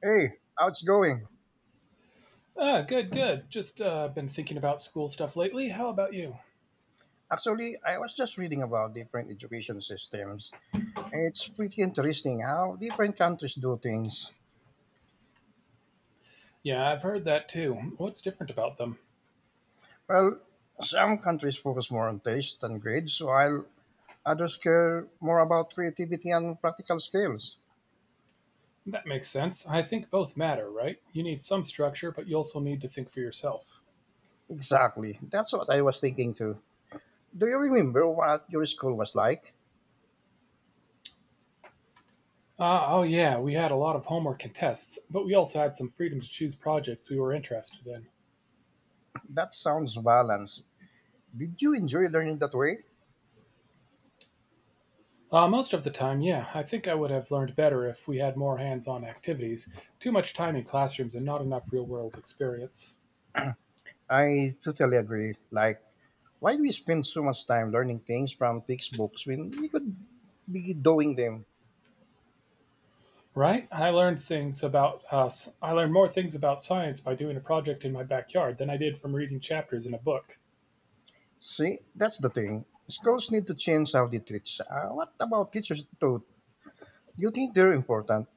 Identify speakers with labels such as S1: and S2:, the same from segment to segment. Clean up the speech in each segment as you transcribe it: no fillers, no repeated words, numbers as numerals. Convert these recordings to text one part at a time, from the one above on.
S1: Hey, how's it going?
S2: Ah, good, good. Just been thinking about school stuff lately. How about you?
S1: Actually, I was just reading about different education systems, and it's pretty interesting how different countries do things.
S2: Yeah, I've heard that too. What's different about them?
S1: Well, some countries focus more on taste and grades, while others care more about creativity and practical skills.
S2: That makes sense. I think both matter, right? You need some structure, but you also need to think for yourself.
S1: Exactly, that's what I was thinking too. Do you remember what your school was like?
S2: Oh, yeah, we had a lot of homework and tests, but we also had some freedom to choose projects we were interested in.
S1: That sounds balanced. Did you enjoy learning that way?
S2: Most of the time, yeah, I think I would have learned better if we had more hands on activities, too much time in classrooms, and not enough real world experience.
S1: I totally agree. Like, why do we spend so much time learning things from textbooks when we could be doing them?
S2: Right? I learned things about us. I learned more things about science by doing a project in my backyard than I did from reading chapters in a book.
S1: See, that's the thing. Schools need to change how they teach. What about teachers too? You think they're important?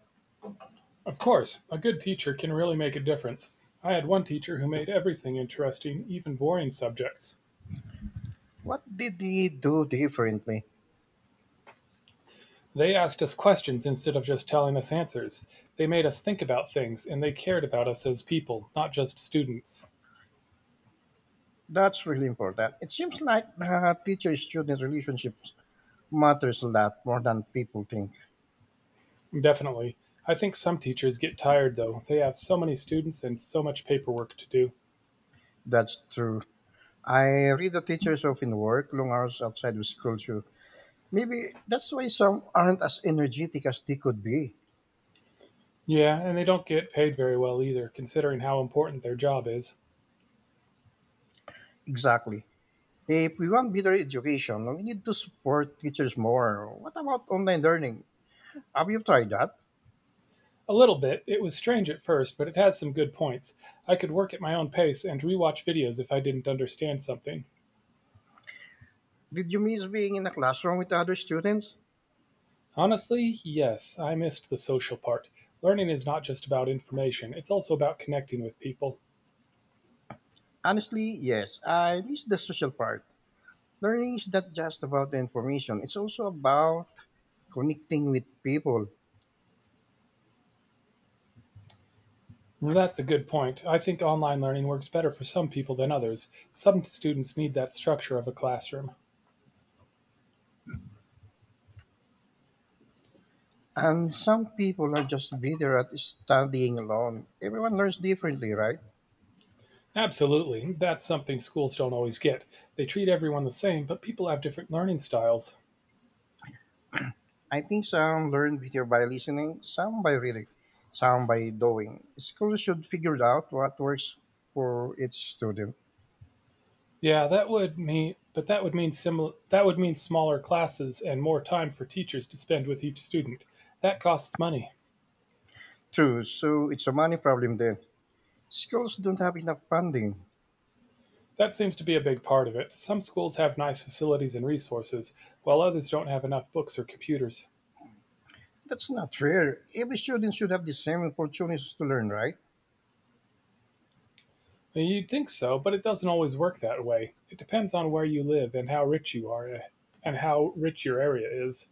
S2: Of course, a good teacher can really make a difference. I had one teacher who made everything interesting, even boring subjects.
S1: What did they do differently?
S2: They asked us questions instead of just telling us answers. They made us think about things, and they cared about us as people, not just students.
S1: That's really important. It seems like teacher-student relationships matters a lot more than people think.
S2: Definitely. I think some teachers get tired, though. They have so many students and so much paperwork to do.
S1: That's true. I read the teachers often work long hours outside of school too. Maybe that's why some aren't as energetic as they could be.
S2: Yeah, and they don't get paid very well either, considering how important their job is.
S1: Exactly. If we want better education, we need to support teachers more. What about online learning? Have you tried that?
S2: A little bit. It was strange at first, but it has some good points. I could work at my own pace and rewatch videos if I didn't understand something.
S1: Did you miss being in a classroom with other students?
S2: Honestly, yes, I missed the social part. Learning is not just about information, it's also about connecting with people.
S1: Honestly, yes. I miss the social part. Learning is not just about the information, it's also about connecting with people.
S2: Well, that's a good point. I think online learning works better for some people than others. Some students need that structure of a classroom.
S1: And some people are just better at studying alone. Everyone learns differently, right?
S2: Absolutely. That's something schools don't always get. They treat everyone the same, but people have different learning styles.
S1: I think some learn better by listening, some by reading, some by doing. Schools should figure out what works for each student.
S2: Yeah, that would mean smaller classes and more time for teachers to spend with each student. That costs money.
S1: True, so it's a money problem then. Schools don't have enough funding.
S2: That seems to be a big part of it. Some schools have nice facilities and resources, while others don't have enough books or computers.
S1: That's not fair. Every student should have the same opportunities to learn, right?
S2: Well, you'd think so, but it doesn't always work that way. It depends on where you live and how rich you are and how rich your area is.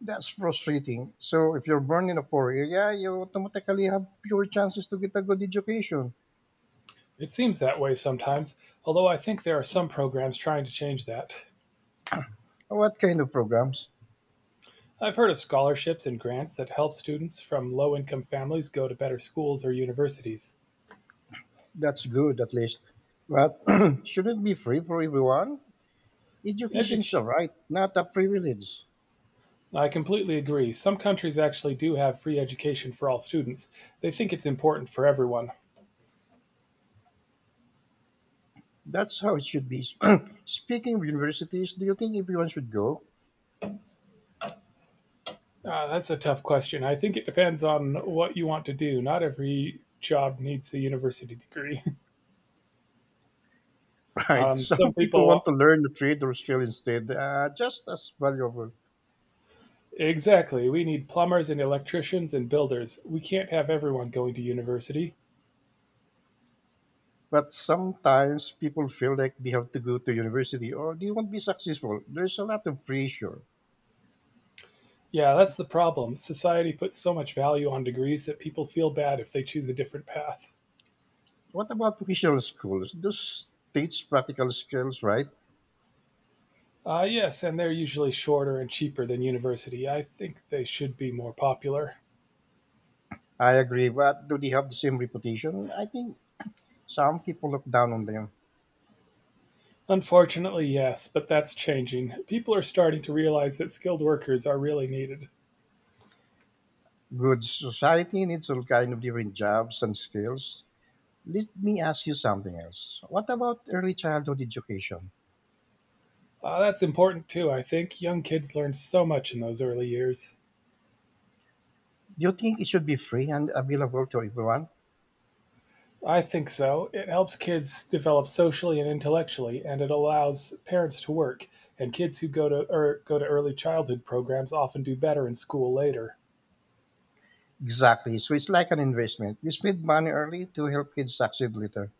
S1: That's frustrating. So if you're born in a poor area, you automatically have fewer chances to get a good education.
S2: It seems that way sometimes, although I think there are some programs trying to change that.
S1: What kind of programs?
S2: I've heard of scholarships and grants that help students from low income families go to better schools or universities.
S1: That's good at least. But shouldn't it be free for everyone? Education's a
S2: Edu-
S1: right, not a privilege.
S2: I completely agree. Some countries actually do have free education for all students. They think it's important for everyone.
S1: That's how it should be. Speaking of universities, do you think everyone should go?
S2: That's a tough question. I think it depends on what you want to do. Not every job needs a university degree.
S1: Right.
S2: Some
S1: Some people
S2: people
S1: want to learn the trade or skill instead, just as valuable.
S2: Exactly. We need plumbers and electricians and builders. We can't have everyone going to university.
S1: But sometimes people feel like they have to go to university or they won't be successful. There's a lot of pressure.
S2: Yeah, that's the problem. Society puts so much value on degrees that people feel bad if they choose a different path.
S1: What about vocational schools? Those teach practical skills, right?
S2: Ah, yes, and they're usually shorter and cheaper than university. I think they should be more popular.
S1: I agree, but do they have the same reputation? I think some people look down on them.
S2: Unfortunately, yes, but that's changing. People are starting to realize that skilled workers are really needed.
S1: Good society needs all kind of different jobs and skills. Let me ask you something else. What about early childhood education?
S2: Ah, that's important too, I think. Young kids learn so much in those early years.
S1: Do you think it should be free and available to everyone?
S2: I think so. It helps kids develop socially and intellectually, and it allows parents to work. And kids who go to early childhood programs often do better in school later.
S1: Exactly. So it's like an investment. You spend money early to help kids succeed later.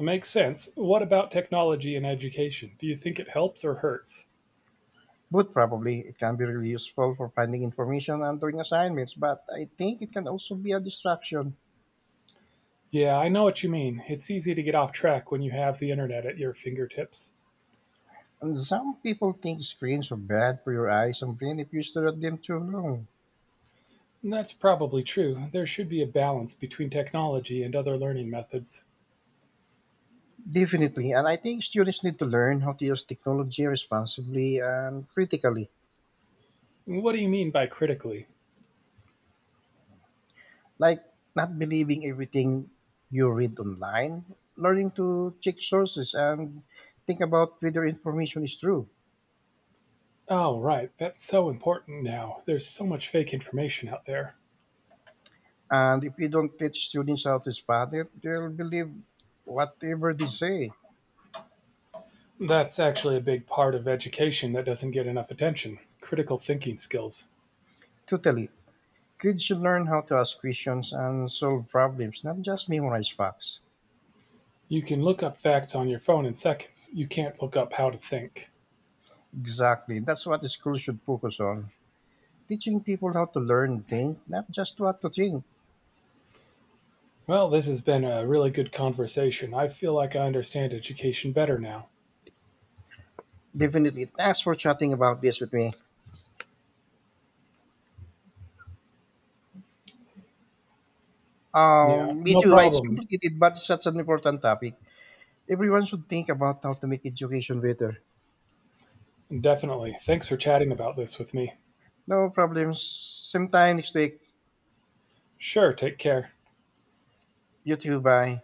S2: It makes sense. What about technology in education? Do you think it helps or hurts?
S1: But probably it can be really useful for finding information and doing assignments, but I think it can also be a distraction.
S2: Yeah, I know what you mean. It's easy to get off track when you have the internet at your fingertips.
S1: And some people think screens are bad for your eyes and brain if you stare at them too long.
S2: And That's probably true. There should be a balance between technology and other learning methods.
S1: Definitely. And I think students need to learn how to use technology responsibly and critically,
S2: What do you mean by critically?
S1: like not believing everything you read online, learning to check sources and think about whether information is true.
S2: Oh, right. That's so important now. There's so much fake information out there.
S1: And if you don't teach students how to spot it, they'll believe whatever they say.
S2: That's actually a big part of education that doesn't get enough attention critical thinking skills.
S1: Totally. Kids should learn how to ask questions and solve problems, not just memorize facts.
S2: You can look up facts on your phone in seconds. You can't look up how to think.
S1: Exactly. That's what the school should focus on. Teaching people how to learn, think, not just what to think.
S2: Well, this has been a really good conversation. I feel like I understand education better now.
S1: Definitely. Thanks for chatting about this with me.
S2: Yeah,
S1: Me
S2: no
S1: too. It's
S2: problem.
S1: complicated, but it's such an important topic. Everyone should think about how to make education better.
S2: Definitely. Thanks for chatting about this with me.
S1: No problems. Same time next week.
S2: Sure, take care.
S1: You too. Bye.